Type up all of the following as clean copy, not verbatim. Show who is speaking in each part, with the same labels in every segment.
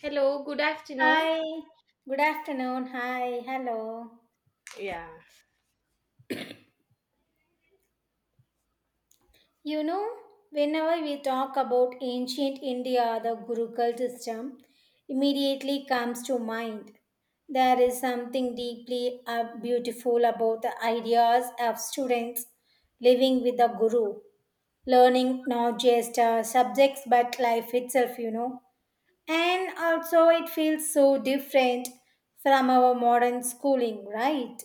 Speaker 1: Hello, good afternoon.
Speaker 2: Hi, good afternoon. Hi, hello.
Speaker 1: Yeah.
Speaker 2: You know, whenever we talk about ancient India, the Gurukul system immediately comes to mind. There is something deeply beautiful about the ideas of students living with the Guru, learning not just subjects but life itself, you know. And also, it feels so different from our modern schooling, right?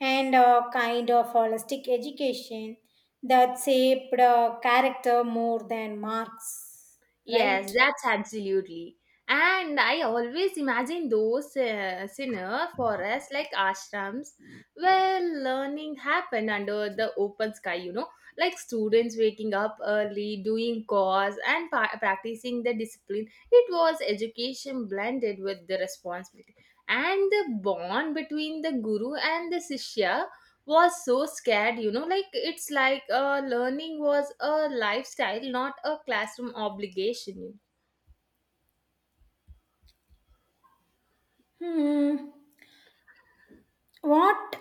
Speaker 2: And a kind of holistic education that shaped character more than marks, right?
Speaker 1: Yes, that's absolutely. And I always imagine those sinner forests like ashrams where learning happened under the open sky, you know, like students waking up early, doing chores, and practicing the discipline. It was education blended with the responsibility. And the bond between the guru and the shishya was so scared, you know, like it's like learning was a lifestyle, not a classroom obligation.
Speaker 2: Hmm. What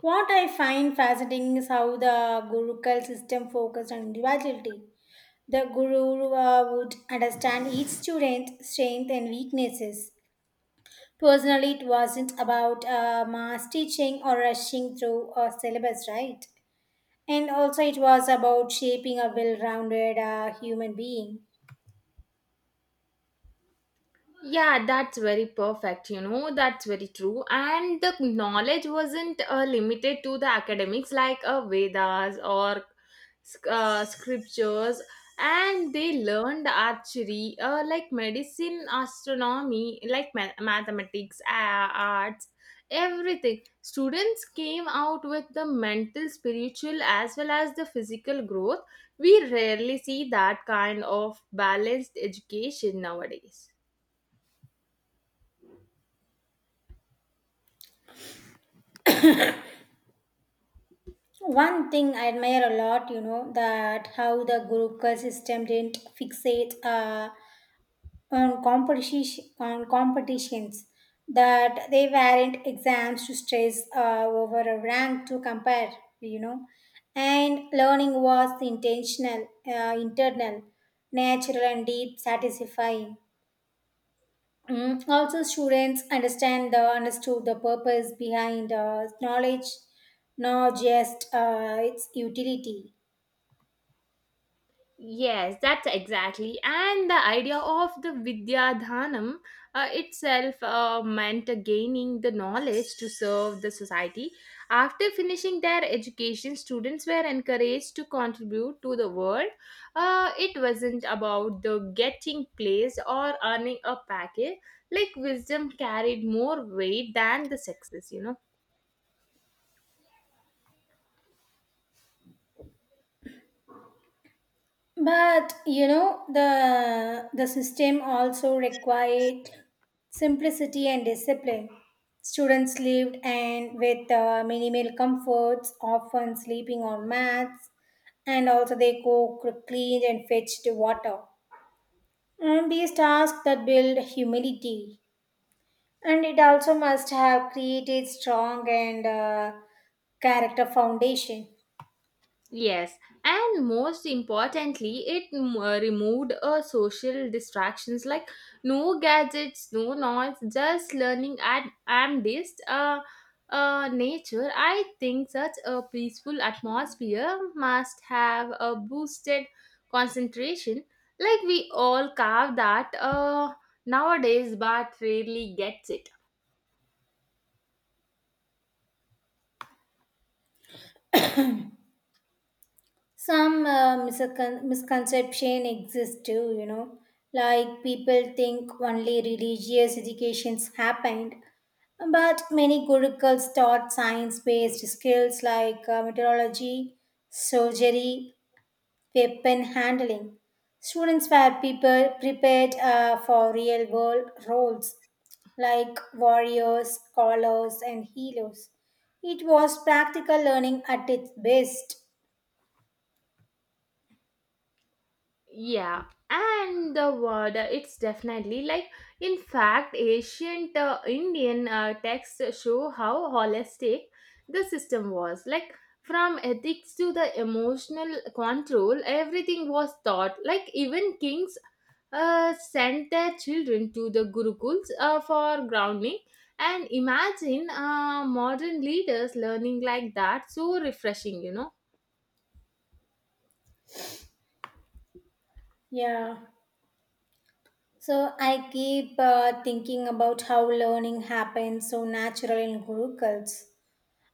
Speaker 2: what I find fascinating is how the Gurukul system focused on individuality. The guru would understand each student's strength and weaknesses personally. It wasn't about mass teaching or rushing through a syllabus, right? And also, it was about shaping a well rounded human being.
Speaker 1: Yeah, that's very perfect. You know, that's very true. And the knowledge wasn't limited to the academics like Vedas or scriptures, and they learned archery, like medicine, astronomy, like mathematics, arts, everything. Students came out with the mental, spiritual, as well as the physical growth. We rarely see that kind of balanced education nowadays.
Speaker 2: One thing I admire a lot, you know, that how the Gurukha system didn't fixate on competition on competitions, that they weren't exams to stress over, a rank to compare, you know. And learning was intentional, internal, natural and deep satisfying. Mm, also, students understand the understood the purpose behind knowledge, not just its utility.
Speaker 1: Yes, that's exactly. And the idea of the Vidyadhanam itself meant gaining the knowledge to serve the society. After finishing their education, students were encouraged to contribute to the world. It wasn't about the getting place or earning a package. Like wisdom carried more weight than the success, you know.
Speaker 2: But you know, the system also required simplicity and discipline. Students lived and with minimal comforts, often sleeping on mats, and also they cooked, cleaned, and fetched water. And these tasks that build humility, and it also must have created strong and character foundation.
Speaker 1: Yes, and most importantly, it removed social distractions like no gadgets, no noise, just learning and amidst nature. I think such a peaceful atmosphere must have a boosted concentration. Like we all carve that nowadays, but rarely gets it.
Speaker 2: Some misconception exists too, you know. Like people think only religious educations happened, but many gurukuls taught science-based skills like meteorology, surgery, weapon handling. Students were people prepared for real-world roles, like warriors, scholars and healers. It was practical learning at its best.
Speaker 1: Yeah, and the word it's definitely like, in fact, ancient Indian texts show how holistic the system was, like from ethics to the emotional control, everything was taught, like even kings sent their children to the gurukuls for grounding, and imagine modern leaders learning like that, so refreshing, you know.
Speaker 2: Yeah. So I keep thinking about how learning happens so natural in gurukuls,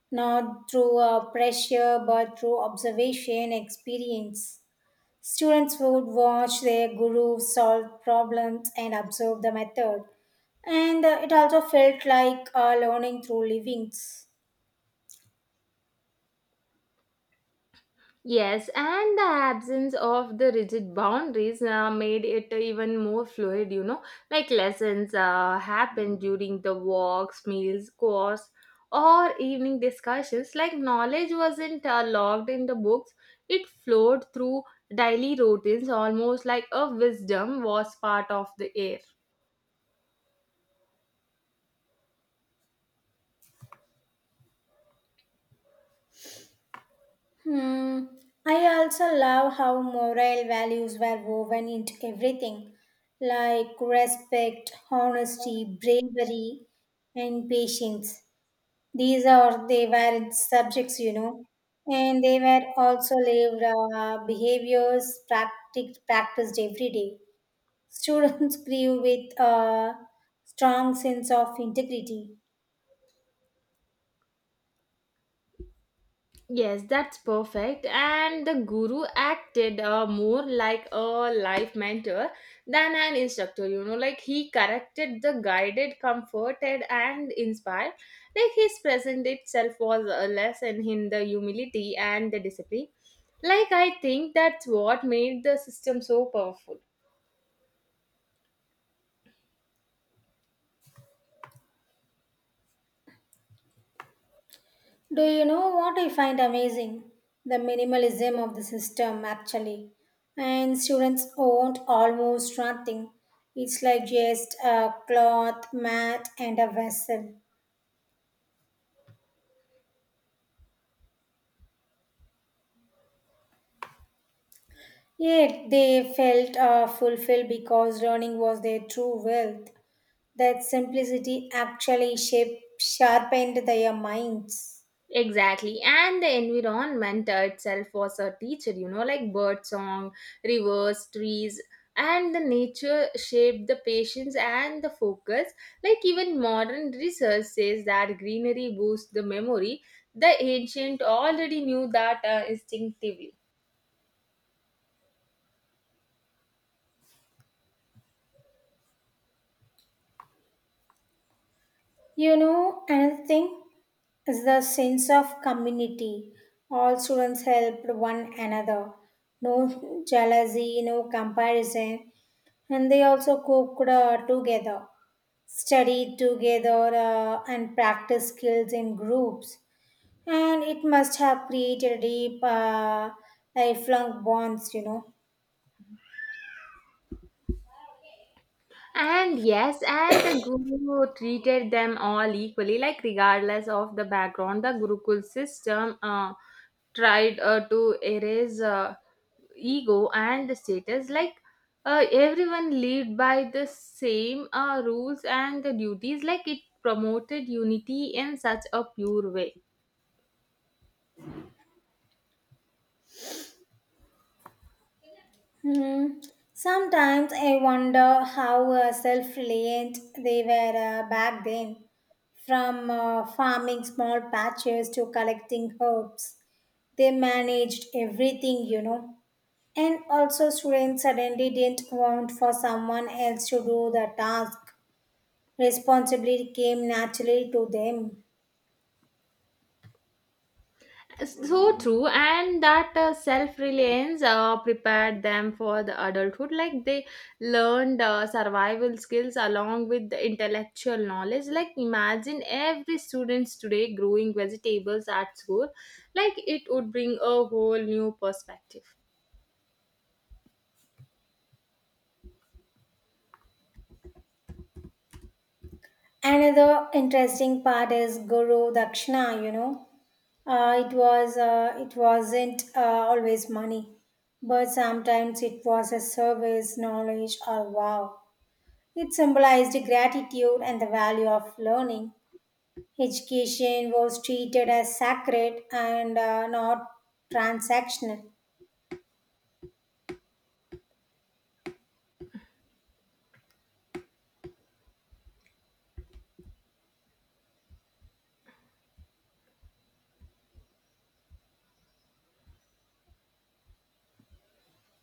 Speaker 2: not through pressure but through observation experience. Students would watch their guru solve problems and observe the method, and it also felt like learning through livings.
Speaker 1: Yes, and the absence of the rigid boundaries made it even more fluid, you know. Like lessons happen during the walks, meals, course, or evening discussions. Like knowledge wasn't logged in the books, it flowed through daily routines, almost like a wisdom was part of the air.
Speaker 2: Hmm. I also love how moral values were woven into everything, like respect, honesty, bravery, and patience. These are they were subjects, you know, and they were also lived behaviors practiced every day. Students grew with a strong sense of integrity.
Speaker 1: Yes, that's perfect. And the guru acted more like a life mentor than an instructor, you know, like he corrected the guided, comforted, and inspired. Like his present itself was a lesson in the humility and the discipline. Like, I think that's what made the system so powerful.
Speaker 2: Do you know what I find amazing? The minimalism of the system, actually. And students owned almost nothing. It's like just a cloth, mat, and a vessel. Yet they felt fulfilled because learning was their true wealth. That simplicity actually shaped, sharpened their minds.
Speaker 1: Exactly. And the environment itself was a teacher, you know, like bird song, rivers, trees, and the nature shaped the patience and the focus. Like even modern research says that greenery boosts the memory. The ancient already knew that instinctively.
Speaker 2: You know, another thing is the sense of community. All students helped one another. No jealousy, no comparison. And they also cooked together, studied together, and practiced skills in groups. And it must have created deep, lifelong bonds, you know.
Speaker 1: And yes, and the guru treated them all equally, like regardless of the background, the gurukul system tried to erase ego and the status, like everyone lived by the same rules and the duties, like it promoted unity in such a pure way.
Speaker 2: Hmm. Sometimes I wonder how self-reliant they were back then, from farming small patches to collecting herbs. They managed everything, you know. And also, students suddenly didn't want for someone else to do the task. Responsibility came naturally to them.
Speaker 1: So true, and that self-reliance prepared them for the adulthood, like they learned survival skills along with the intellectual knowledge, like imagine every students today growing vegetables at school, like it would bring a whole new perspective.
Speaker 2: Another interesting part is Guru Dakshina, you know. It wasn't always money, but sometimes it was a service, knowledge, or wow. It symbolized gratitude and the value of learning. Education was treated as sacred and not transactional.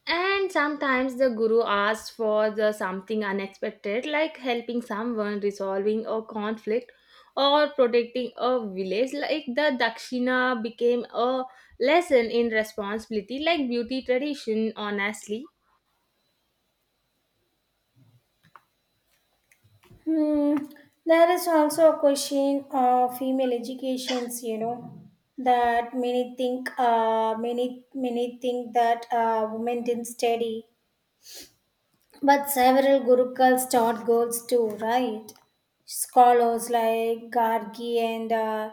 Speaker 1: And sometimes the guru asks for the something unexpected, like helping someone, resolving a conflict, or protecting a village. Like the dakshina became a lesson in responsibility, like beauty tradition, honestly.
Speaker 2: Hmm. There is also a question of female educations, you know, that many think that women didn't study, but several Gurukuls taught girls too, right? Scholars like Gargi and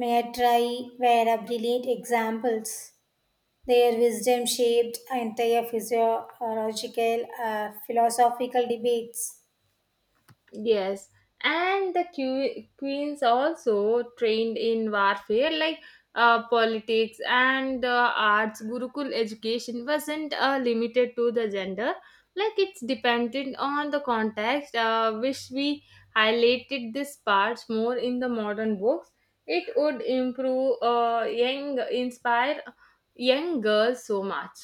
Speaker 2: Maitreyi were a brilliant examples. Their wisdom shaped entire physiological, philosophical debates.
Speaker 1: Yes, and the queens also trained in warfare like politics and the arts. Gurukul education wasn't limited to the gender, like it's dependent on the context. Wish we highlighted this part more in the modern books. It would improve inspire young girls so much.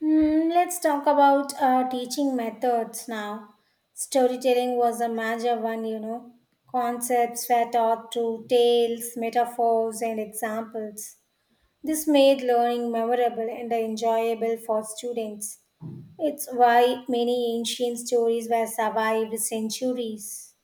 Speaker 2: Hmm, let's talk about teaching methods now. Storytelling was a major one, you know. Concepts were taught through tales, metaphors, and examples. This made learning memorable and enjoyable for students. It's why many ancient stories were survived centuries.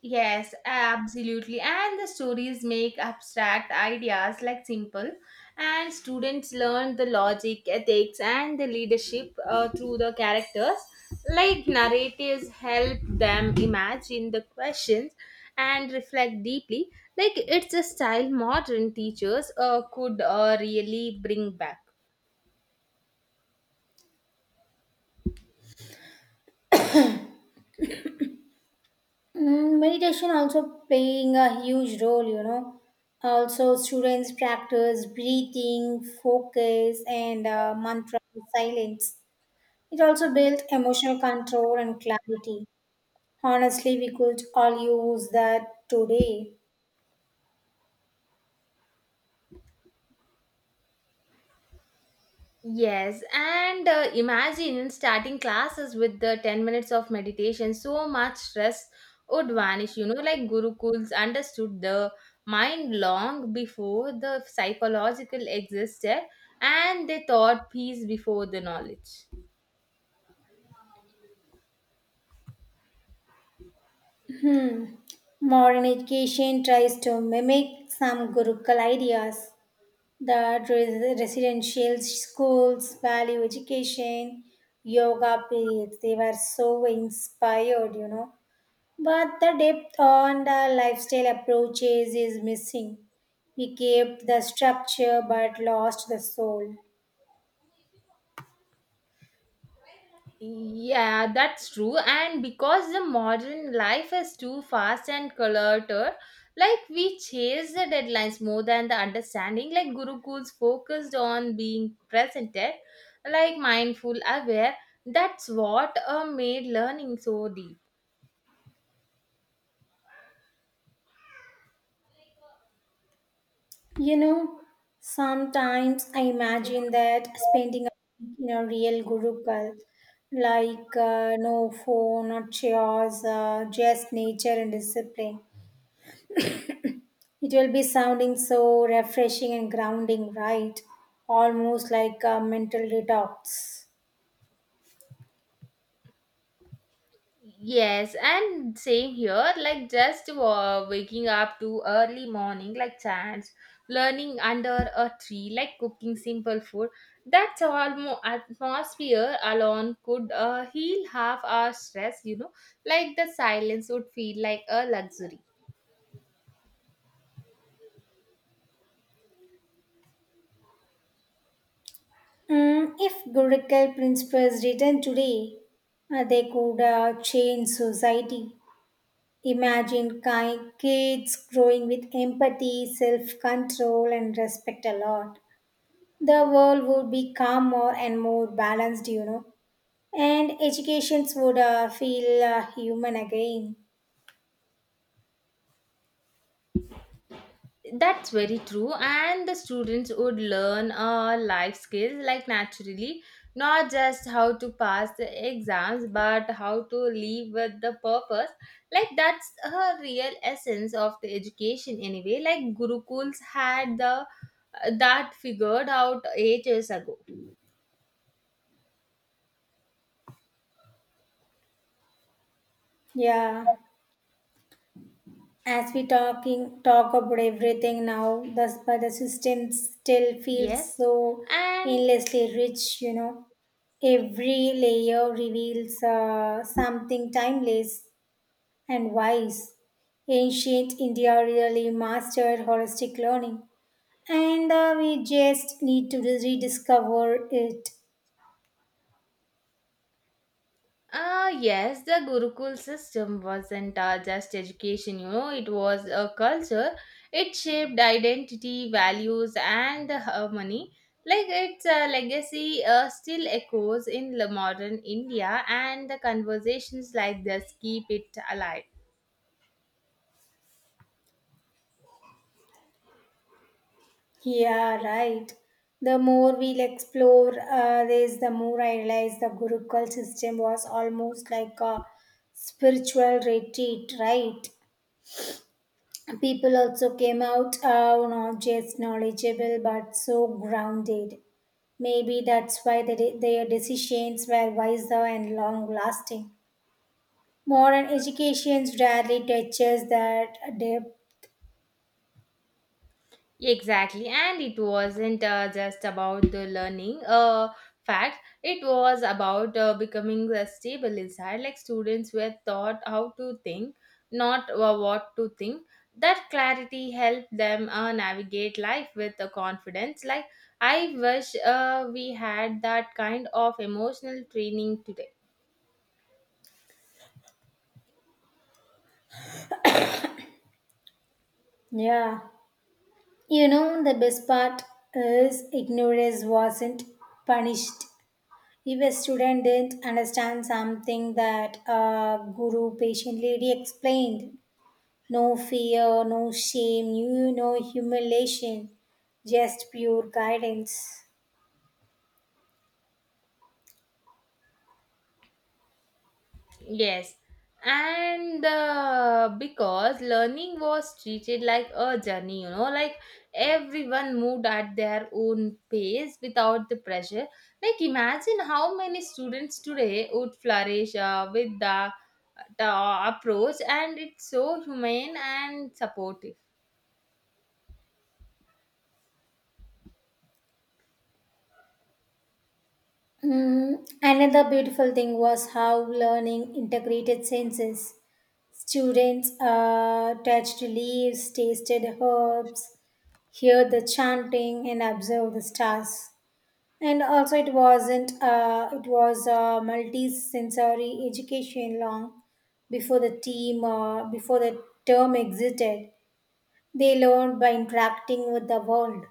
Speaker 1: Yes, absolutely. And the stories make abstract ideas like simple, and students learn the logic, ethics, and the leadership through the characters. Like narratives help them imagine the questions and reflect deeply. Like it's a style modern teachers could really bring back.
Speaker 2: Mm, meditation also playing a huge role, you know. Also, students practice breathing, focus, and mantra silence. It also builds emotional control and clarity. Honestly, we could all use that today.
Speaker 1: Yes, and imagine starting classes with the 10 minutes of meditation, so much stress would vanish. You know, like Gurukuls understood the mind long before the psychological existed, and they taught peace before the knowledge.
Speaker 2: Modern education tries to mimic some Gurukul ideas, that residential schools value education, yoga periods. They were so inspired, you know. But the depth on the lifestyle approaches is missing. We kept the structure but lost the soul.
Speaker 1: Yeah, that's true. And because the modern life is too fast and cluttered, like we chase the deadlines more than the understanding. Like Gurukul's focused on being presented, like mindful, aware. That's what made learning so deep.
Speaker 2: You know, sometimes I imagine that spending a week in a real gurukul, like no phone or chairs, just nature and discipline. It will be sounding so refreshing and grounding, right? Almost like a mental detox.
Speaker 1: Yes, and same here, like just waking up to early morning, like chance, learning under a tree, like cooking simple food. That's almost atmosphere alone could heal half our stress, you know, like the silence would feel like a luxury.
Speaker 2: Mm, if Gurukul principles written today, they could change society. Imagine kids growing with empathy, self control, and respect a lot. The world would be calmer and more balanced, you know. And educations would feel human again.
Speaker 1: That's very true, and the students would learn life skills like naturally, not just how to pass the exams, but how to live with the purpose. Like that's a real essence of the education, anyway. Like Gurukuls had the that figured out ages ago.
Speaker 2: Yeah. As we talk about everything now, thus but the system still feels
Speaker 1: Yes,
Speaker 2: so
Speaker 1: and
Speaker 2: endlessly rich, you know. Every layer reveals something timeless and wise. Ancient India really mastered holistic learning, and we just need to rediscover it.
Speaker 1: Ah, yes, the Gurukul system wasn't just education, you know, it was a culture. It shaped identity, values, and harmony. Like its legacy still echoes in the modern India, and the conversations like this keep it alive.
Speaker 2: Yeah, right. The more we'll explore this, the more I realize the Gurukul system was almost like a spiritual retreat, right? People also came out not just knowledgeable but so grounded. Maybe that's why their decisions were wiser and long lasting. Modern education rarely touches that depth.
Speaker 1: Exactly, and it wasn't just about the learning. Fact, it was about becoming stable inside. Like students were taught how to think, not what to think. That clarity helped them navigate life with confidence. Like I wish we had that kind of emotional training today.
Speaker 2: Yeah. You know, the best part is ignorance wasn't punished. If a student didn't understand something that a guru patiently explained, no fear, no shame, you no humiliation, just pure guidance.
Speaker 1: Yes, and because learning was treated like a journey, you know, like everyone moved at their own pace without the pressure. Like, imagine how many students today would flourish with the approach, and it's so humane and supportive.
Speaker 2: Mm, another beautiful thing was how learning integrated senses. Students touched leaves, tasted herbs, heard the chanting, and observed the stars. And also it wasn't it was multi-sensory education long before the term existed. They learned by interacting with the world.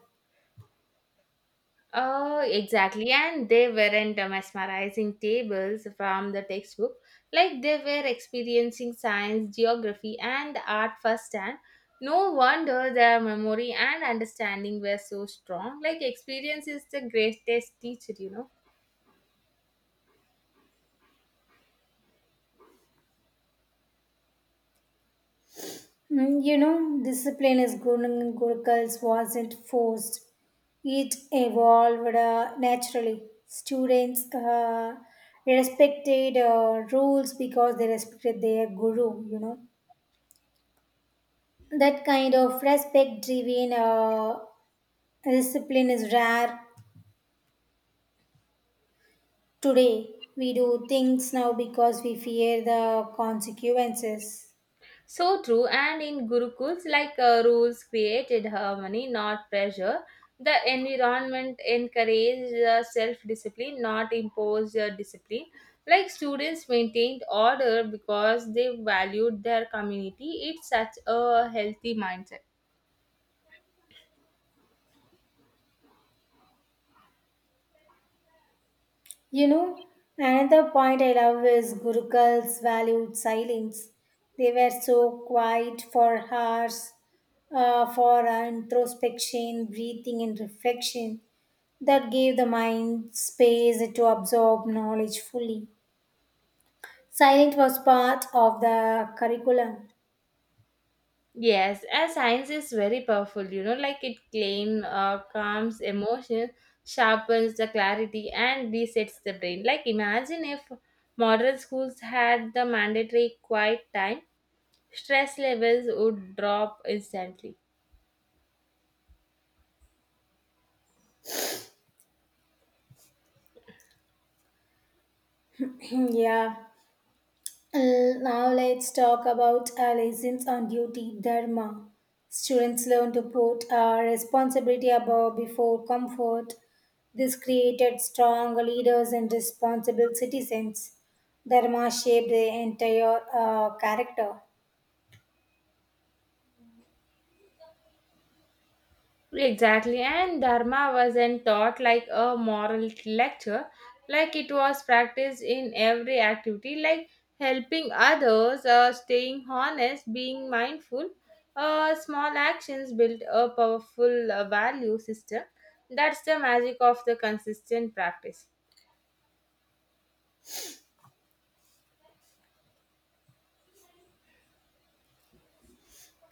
Speaker 1: Oh, exactly. And they weren't mesmerizing tables from the textbook. Like they were experiencing science, geography, and art firsthand. No wonder their memory and understanding were so strong. Like experience is the greatest teacher, you know.
Speaker 2: Mm, you know, discipline as Gurung gurukuls wasn't forced, it evolved naturally. Students respected rules because they respected their guru, you know. That kind of respect driven discipline is rare today. We do things now because we fear the consequences.
Speaker 1: So true, and in gurukuls, like rules created harmony, not pressure. The environment encouraged self discipline, not imposed discipline. Like students maintained order because they valued their community. It's such a healthy mindset.
Speaker 2: You know, another point I love is Gurukul's valued silence. They were so quiet for hours for introspection, breathing, and reflection that gave the mind space to absorb knowledge fully. Silence was part of the curriculum.
Speaker 1: Yes, as science is very powerful, you know, like it claim calms emotion, sharpens the clarity, and resets the brain. Like imagine if modern schools had the mandatory quiet time, stress levels would drop instantly.
Speaker 2: Yeah. Now let's talk about our lessons on duty dharma. Students learn to put our responsibility above before comfort. This created strong leaders and responsible citizens. Dharma shaped the entire character.
Speaker 1: Exactly, and Dharma wasn't taught like a moral lecture, like it was practiced in every activity, like helping others, staying honest, being mindful. Small actions build a powerful value system. That's the magic of the consistent practice.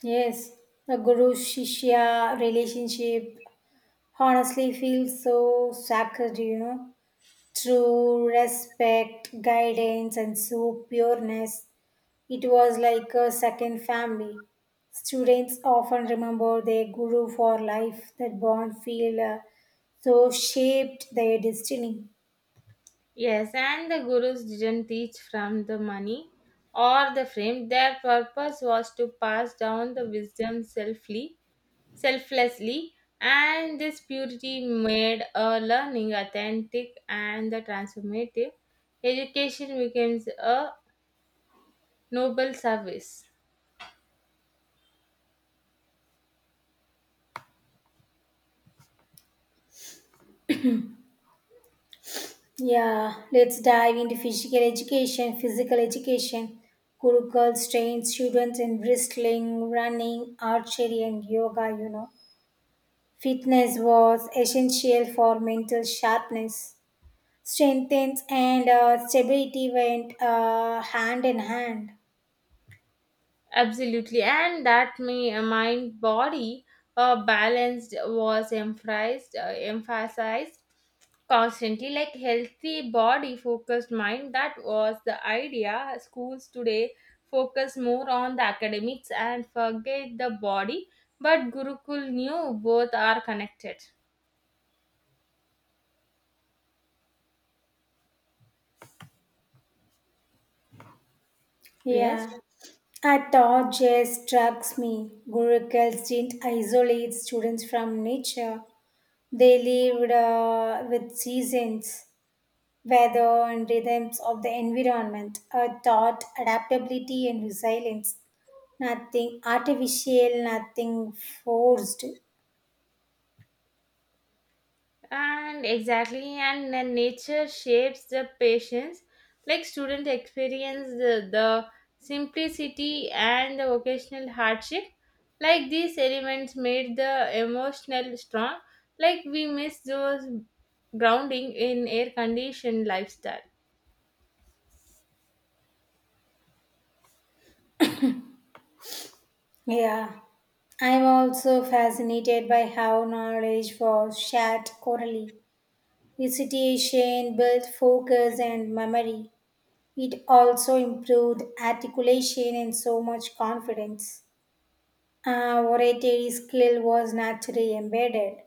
Speaker 2: Yes, the guru shishya relationship honestly feels so sacred, you know. True respect, guidance, and so pureness. It was like a second family. Students often remember their guru for life. That bond feel so shaped their destiny.
Speaker 1: Yes, and the gurus didn't teach from the money or the fame, their purpose was to pass down the wisdom selfly selflessly, and this purity made a learning authentic and the transformative. Education becomes a noble service.
Speaker 2: Yeah, let's dive into physical education. Physical education. Gurukul trains students in wrestling, running, archery, and yoga, you know. Fitness was essential for mental sharpness. Strength and stability went hand in hand.
Speaker 1: Absolutely, and that may mind body balanced was emphasized constantly, like healthy body focused mind, that was the idea. Schools today focus more on the academics and forget the body, but gurukul knew both are connected. Yes,
Speaker 2: Yeah. A thought just struck me. Gurukuls didn't isolate students from nature. They lived with seasons, weather, and rhythms of the environment. A thought adaptability and resilience. Nothing artificial, nothing forced.
Speaker 1: and exactly, and then nature shapes the patients, like student experience the simplicity and the vocational hardship, like these elements made the emotional strong, like we miss those grounding in air conditioned lifestyle.
Speaker 2: Yeah. I'm also fascinated by how knowledge was shared orally. Recitation built focus and memory. It also improved articulation and so much confidence. Oratory skill was naturally embedded.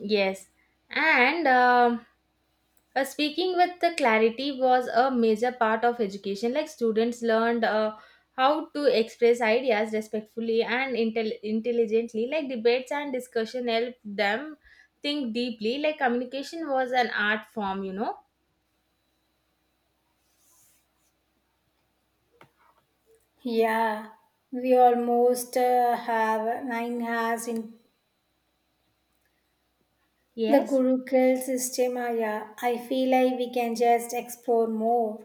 Speaker 1: Yes, and speaking with the clarity was a major part of education. Like students learned how to express ideas respectfully and intelligently. Like debates and discussion helped them think deeply. Like communication was an art form, you know.
Speaker 2: Yeah, we almost have 9 hours in the
Speaker 1: Yes.
Speaker 2: Gurukul system. Yeah, I feel like we can just explore more.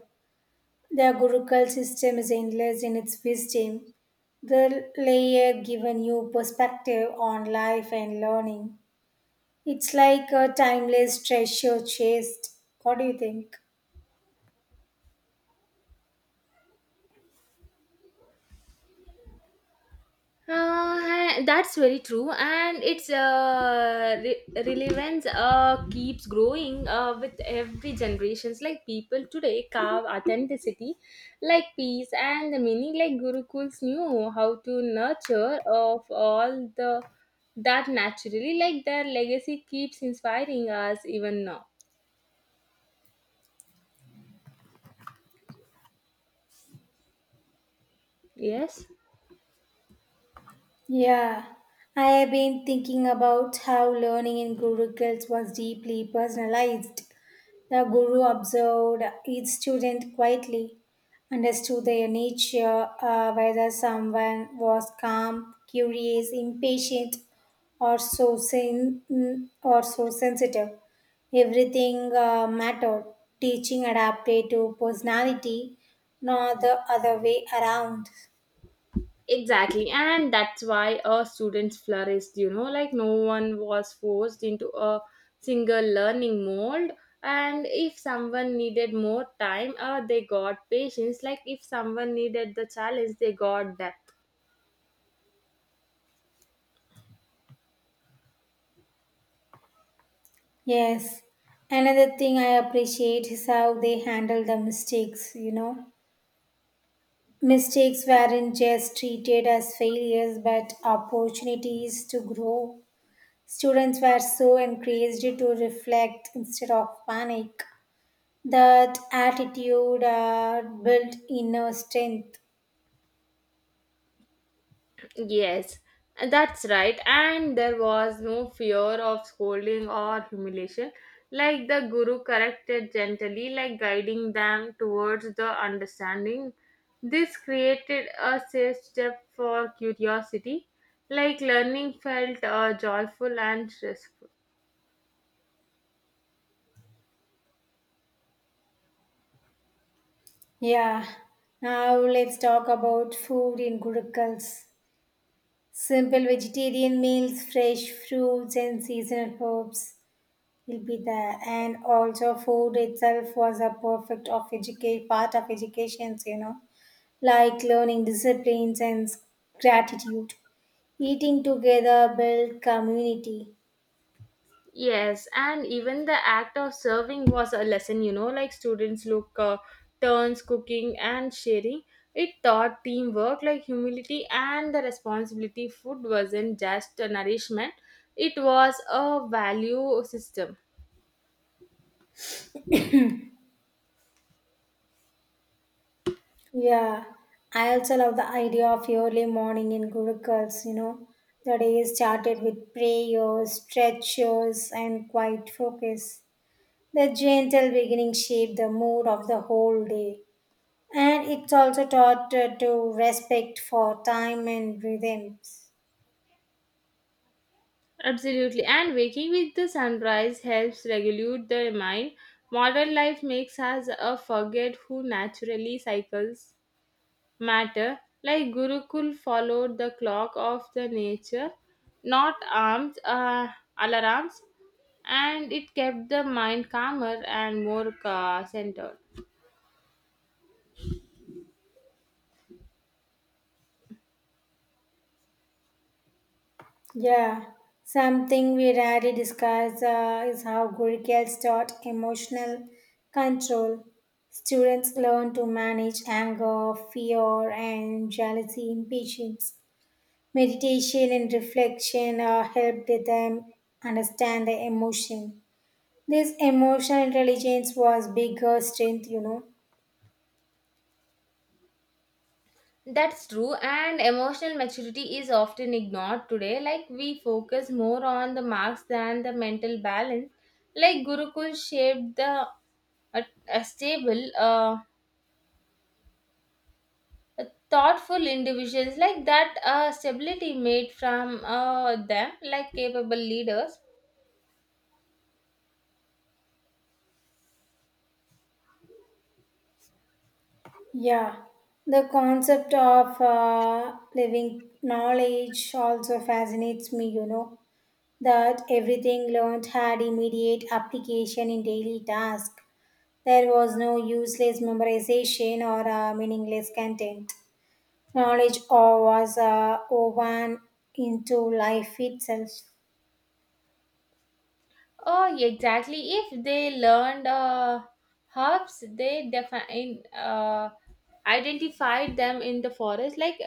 Speaker 2: The Gurukul system is endless in its wisdom. The layer give a new perspective on life and learning. It's like a timeless treasure chest. What do you think?
Speaker 1: That's very true, and its relevance keeps growing with every generations. Like people today carve authenticity, like peace and the meaning. Like Gurukuls knew how to nurture of all the that naturally. Like their legacy keeps inspiring us even now. Yes.
Speaker 2: Yeah, I have been thinking about how learning in Gurukuls was deeply personalized. The guru observed each student quietly, understood their nature, whether someone was calm, curious, impatient, or or so sensitive. Everything mattered. Teaching adapted to personality, not the other way around.
Speaker 1: Exactly, and that's why students flourished. You know, like no one was forced into a single learning mold. And if someone needed more time, they got patience. Like if someone needed the challenge, they got that.
Speaker 2: Yes. Another thing I appreciate is how they handle the mistakes, you know. Mistakes weren't just treated as failures but opportunities to grow. Students were so encouraged to reflect instead of panic. That attitude built inner strength.
Speaker 1: Yes, that's right. And there was no fear of scolding or humiliation. Like the guru corrected gently, like guiding them towards the understanding. This created a safe step for curiosity. Like learning felt joyful and stressful.
Speaker 2: Yeah. Now let's talk about food in Gurukuls. Simple vegetarian meals, fresh fruits, and seasonal herbs will be there. And also food itself was a perfect of educate part of educations, you know, like learning disciplines and gratitude. Eating together build community.
Speaker 1: Yes, and even the act of serving was a lesson, you know, like students look turns cooking and sharing. It taught teamwork, like humility and the responsibility. Food wasn't just a nourishment, it was a value system.
Speaker 2: Yeah, I also love the idea of early morning in gurukuls, you know. The day is started with prayers, stretches and quiet focus. The gentle beginning shape the mood of the whole day. And it's also taught to respect for time and rhythms.
Speaker 1: Absolutely. And waking with the sunrise helps regulate the mind. Modern life makes us forget who naturally cycles matter, like Gurukul followed the clock of the nature, not alarms, and it kept the mind calmer and more centered.
Speaker 2: Yeah, something we rarely discuss is how Gurukels taught emotional control. Students learn to manage anger, fear, and jealousy, impatience. Meditation and reflection helped them understand the emotion. This emotional intelligence was bigger strength, you know.
Speaker 1: That's true, and emotional maturity is often ignored today. Like, we focus more on the marks than the mental balance. Like, Gurukul shaped the a stable, thoughtful individuals, like that stability made from them like capable leaders.
Speaker 2: Yeah, the concept of living knowledge also fascinates me, you know, that everything learned had immediate application in daily task. There was no useless memorization or meaningless content. Knowledge all was woven into life itself.
Speaker 1: Oh, exactly, if they learned herbs they define identified them in the forest, like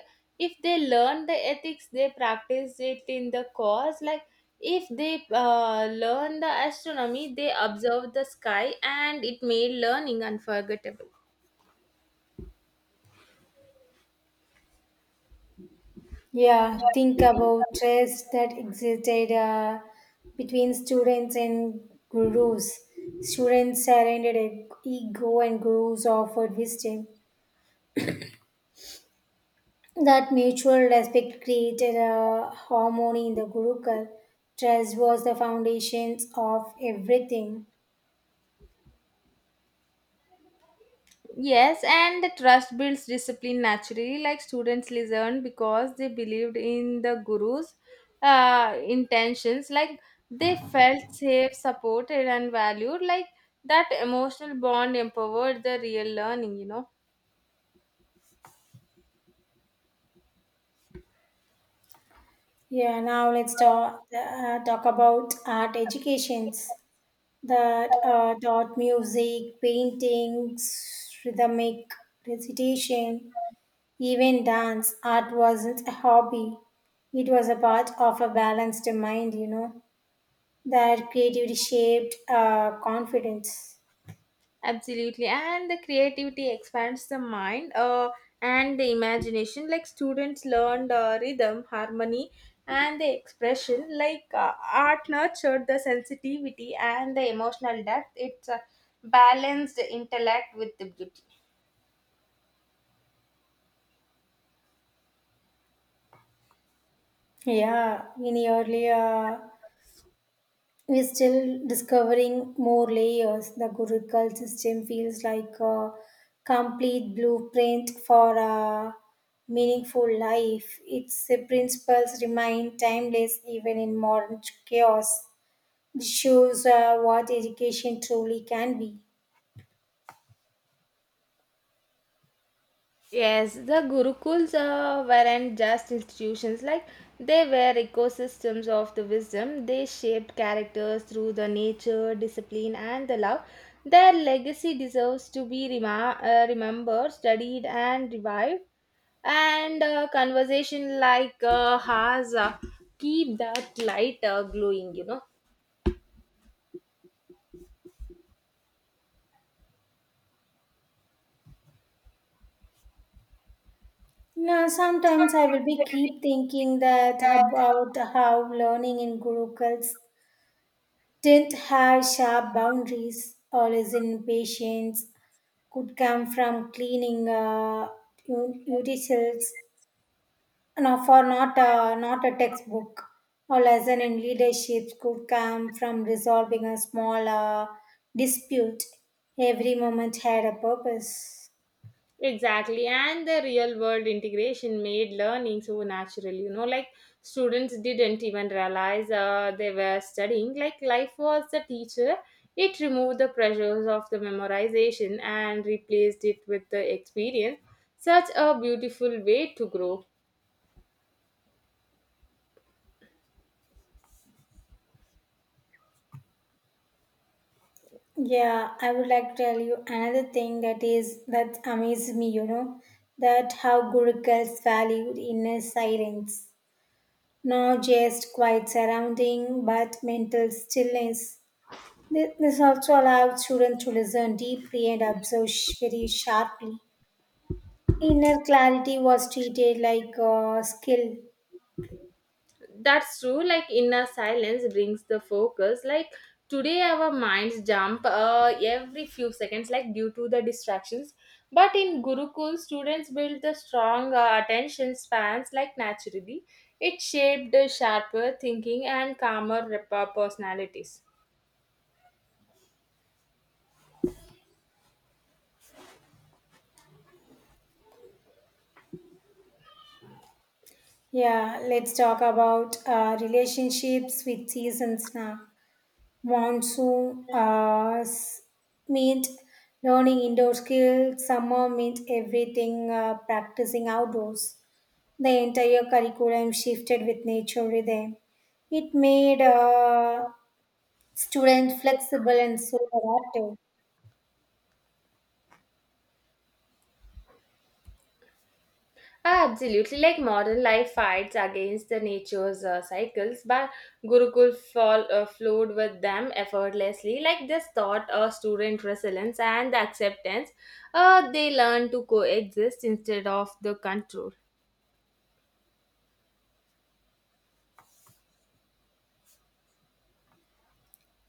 Speaker 1: if they learn the ethics they practice it in the course, like if they learn the astronomy they observe the sky, and it made learning unforgettable.
Speaker 2: Yeah, think about trust that existed between students and gurus. Students surrendered ego and gurus offered wisdom. That mutual respect created a harmony in the Gurukul. Trust was the foundations of everything.
Speaker 1: Yes, and the trust builds discipline naturally. Like, students listen because they believed in the guru's intentions. Like, they felt safe, supported, and valued. Like that emotional bond empowered the real learning.
Speaker 2: Yeah, now let's talk about art educations that taught music, paintings, rhythmic recitation, even dance. Art wasn't a hobby. It was a part of a balanced mind, you know, that creativity shaped confidence.
Speaker 1: Absolutely. And the creativity expands the mind and the imagination. Like, students learned rhythm, harmony, and the expression. Like, art nurtured the sensitivity and the emotional depth. It's a balanced intellect with the beauty.
Speaker 2: Yeah, in earlier, we're still discovering more layers. The Gurukul system feels like a complete blueprint for a meaningful life. Its principles remain timeless even in modern chaos. It shows what education truly can be.
Speaker 1: Yes, the Gurukuls weren't just institutions, like they were ecosystems of the wisdom. They shaped characters through the nature, discipline, and the love. Their legacy deserves to be remembered, studied, and revived. And conversation like has keep that light glowing.
Speaker 2: Now, sometimes I will
Speaker 1: Sometimes I
Speaker 2: be
Speaker 1: really
Speaker 2: keep
Speaker 1: keep
Speaker 2: thinking
Speaker 1: thinking
Speaker 2: that
Speaker 1: that.
Speaker 2: about how learning in Gurukuls didn't have sharp boundaries, always in patience, could come from cleaning utensils, no, for not a textbook. Or lesson in leadership could come from resolving a small dispute. Every moment had a purpose.
Speaker 1: Exactly, and the real world integration made learning so natural. You know, like students didn't even realize they were studying. Like, life was the teacher. It removed the pressures of the memorization and replaced it with the experience. Such a beautiful way to grow.
Speaker 2: Yeah, I would like to tell you another thing that is that amazes me, you know, that how Gurukul's valued inner silence. Not just quiet surrounding, but mental stillness. This also allowed children to listen deeply and observe very sharply. Inner clarity was treated like a skill.
Speaker 1: That's true. Like, inner silence brings the focus. Like today, our minds jump every few seconds, like due to the distractions. But in Gurukul, students build the strong attention spans, like naturally. It shaped sharper thinking and calmer personalities.
Speaker 2: Yeah, let's talk about relationships with seasons now. Monsoon meant learning indoor skills, summer meant everything practicing outdoors. The entire curriculum shifted with nature rhythm. It made students flexible and so adaptive.
Speaker 1: Absolutely, like modern life fights against the nature's cycles, but Gurukul flowed with them effortlessly. Like, this taught a student resilience and the acceptance. They learn to coexist instead of the control.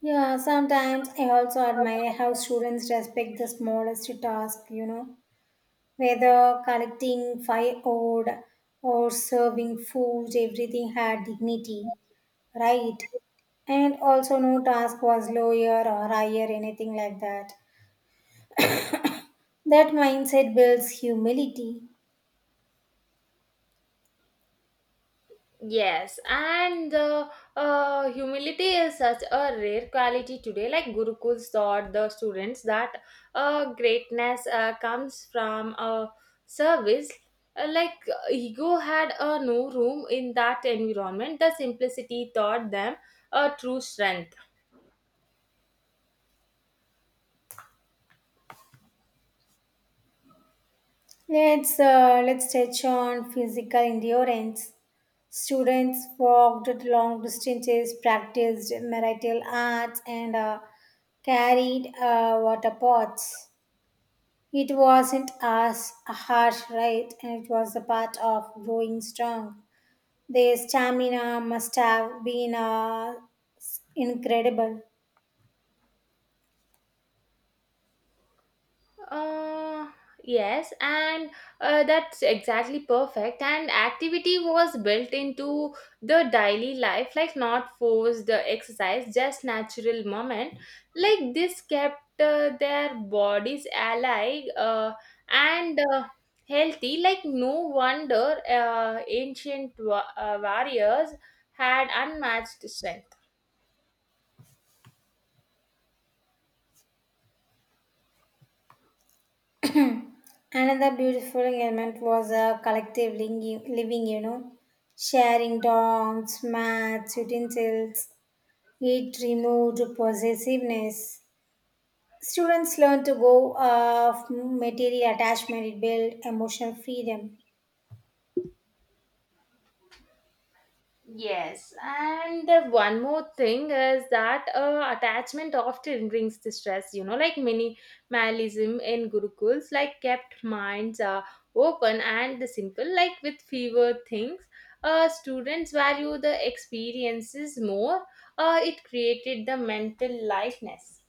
Speaker 2: Yeah, sometimes I also admire how students respect the smallest task, you know, whether collecting firewood or serving food, everything had dignity. Right. And also, no task was lower or higher, anything like that. That mindset builds humility.
Speaker 1: Yes, and the humility is such a rare quality today. Like, Gurukuls taught the students that greatness comes from a service. Ego had no room in that environment. The simplicity taught them a true strength.
Speaker 2: Let's touch on physical endurance. Students walked long distances, practiced marital arts, and carried water pots. It wasn't as harsh, right? And it was a part of growing strong. Their stamina must have been incredible.
Speaker 1: Uh, yes, and that's exactly perfect. And activity was built into the daily life, like not forced exercise, just natural moment. Like, this kept their bodies alive and healthy. Like, no wonder ancient warriors had unmatched strength.
Speaker 2: Another beautiful element was a collective living, you know, sharing dorms, mats, utensils. It removed possessiveness. Students learn to go of material attachment, it built emotional freedom.
Speaker 1: Yes, and the one more thing is that attachment often brings distress, you know, like many minimalism in gurukuls, like kept minds are open and the simple, like with fewer things. Students value the experiences more. It created the mental lightness.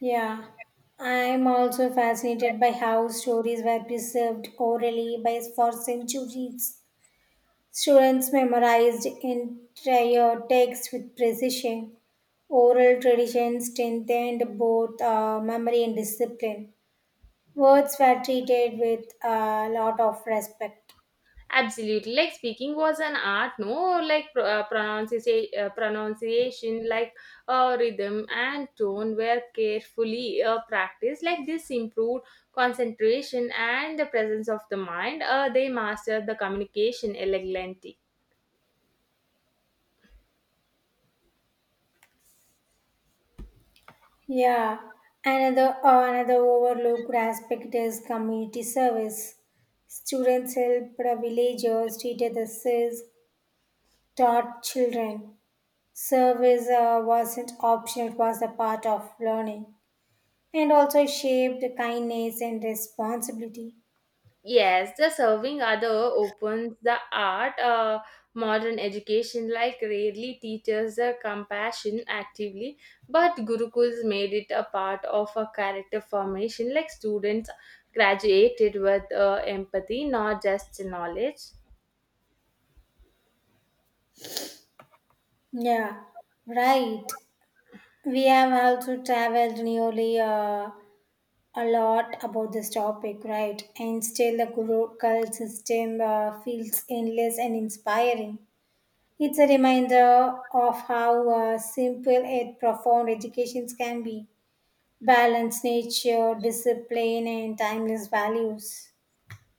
Speaker 2: Yeah, I'm also fascinated by how stories were preserved orally by for centuries. Students memorized entire texts with precision. Oral tradition strengthened both memory and discipline. Words were treated with a lot of respect.
Speaker 1: Absolutely. Like, speaking was an art, no? Like pronunciation, like rhythm and tone were carefully practiced. Like, this improved concentration and the presence of the mind. They mastered the communication elegantly.
Speaker 2: Yeah, another overlooked aspect is community service. Students helped the villagers, treated the sick, taught children. Service wasn't optional; it was a part of learning, and also shaped kindness and responsibility.
Speaker 1: Yes, the serving other opens the art. Modern education like rarely teaches the compassion actively, but Gurukuls made it a part of a character formation. Like, students graduated with empathy, not just knowledge.
Speaker 2: Yeah, right. We have also traveled nearly a lot about this topic, right? And still, the local system feels endless and inspiring. It's a reminder of how simple yet profound educations can be. Balance nature, discipline, and timeless values.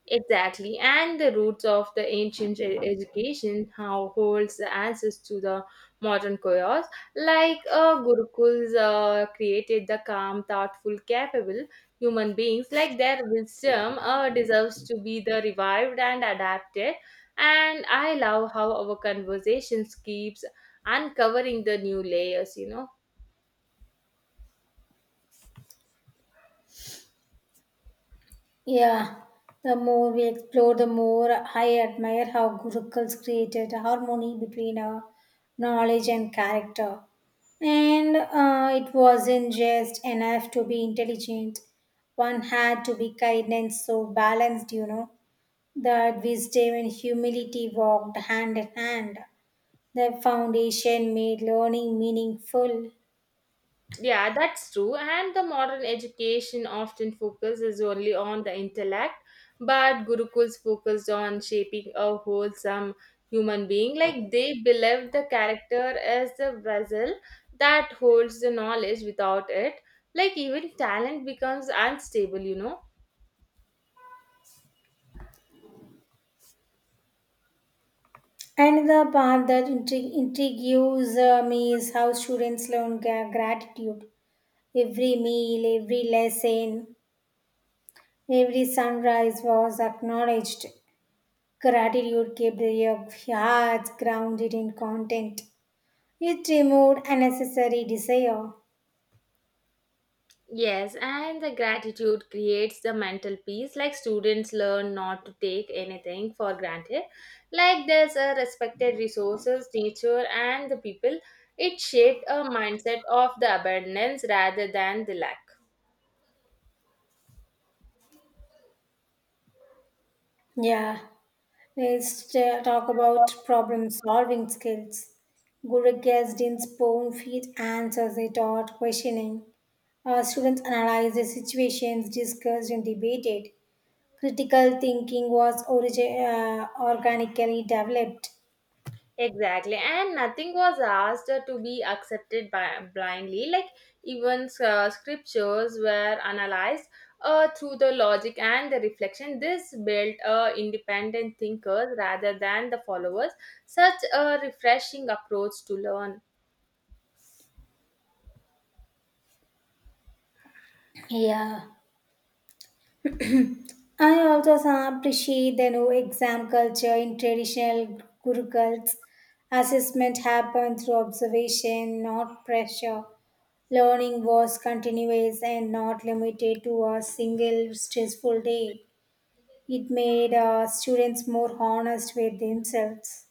Speaker 1: Exactly, and the roots of the ancient education how holds the answers to the modern chaos. Like, Gurukuls created the calm, thoughtful, capable human beings. Like, their wisdom deserves to be the revived and adapted. And I love how our conversations keeps uncovering the new layers.
Speaker 2: Yeah, the more we explore, the more I admire how Gurukuls created harmony between knowledge and character. And it wasn't just enough to be intelligent, one had to be kind and so balanced, you know, that wisdom and humility walked hand in hand. The foundation made learning meaningful.
Speaker 1: Yeah, that's true. And the modern education often focuses only on the intellect, but Gurukuls focused on shaping a wholesome human being. Like, they believed the character as the vessel that holds the knowledge without it. Like, even talent becomes unstable.
Speaker 2: And the part that intrigues me is how students learn gratitude. Every meal, every lesson, every sunrise was acknowledged. Gratitude kept their hearts grounded in content. It removed unnecessary desire.
Speaker 1: Yes, and the gratitude creates the mental peace. Like, students learn not to take anything for granted. Like, there's a respected resources, nature, and the people. It shaped a mindset of the abundance rather than the lack.
Speaker 2: Yeah, let's talk about problem solving skills. Guru guests didn't spoon feed answers they taught questioning. Our students analyzed the situations discussed and debated. Critical thinking was organically developed.
Speaker 1: Exactly, and nothing was asked to be accepted by blindly. Like, even scriptures were analyzed through the logic and the reflection. This built independent thinkers rather than the followers. Such a refreshing approach to learn.
Speaker 2: Yeah, I also appreciate the new exam culture in traditional gurukuls. Assessment happened through observation, not pressure. Learning was continuous and not limited to a single stressful day. It made students more honest with themselves.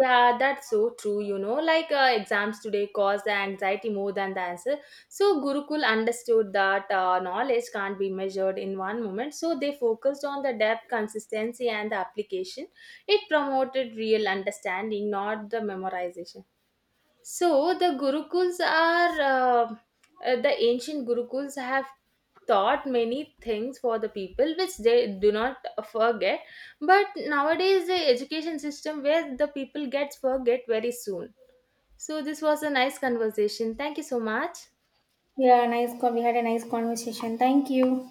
Speaker 1: Yeah, that's so true. You know, like exams today cause the anxiety more than the answer. So Gurukul understood that knowledge can't be measured in one moment. So they focused on the depth, consistency, and the application. It promoted real understanding, not the memorization. So the Gurukuls are. The ancient Gurukuls have taught many things for the people which they do not forget, but nowadays the education system where the people gets forget very soon. So this was a nice conversation, thank you so much.
Speaker 2: Yeah, We had a nice conversation. Thank you.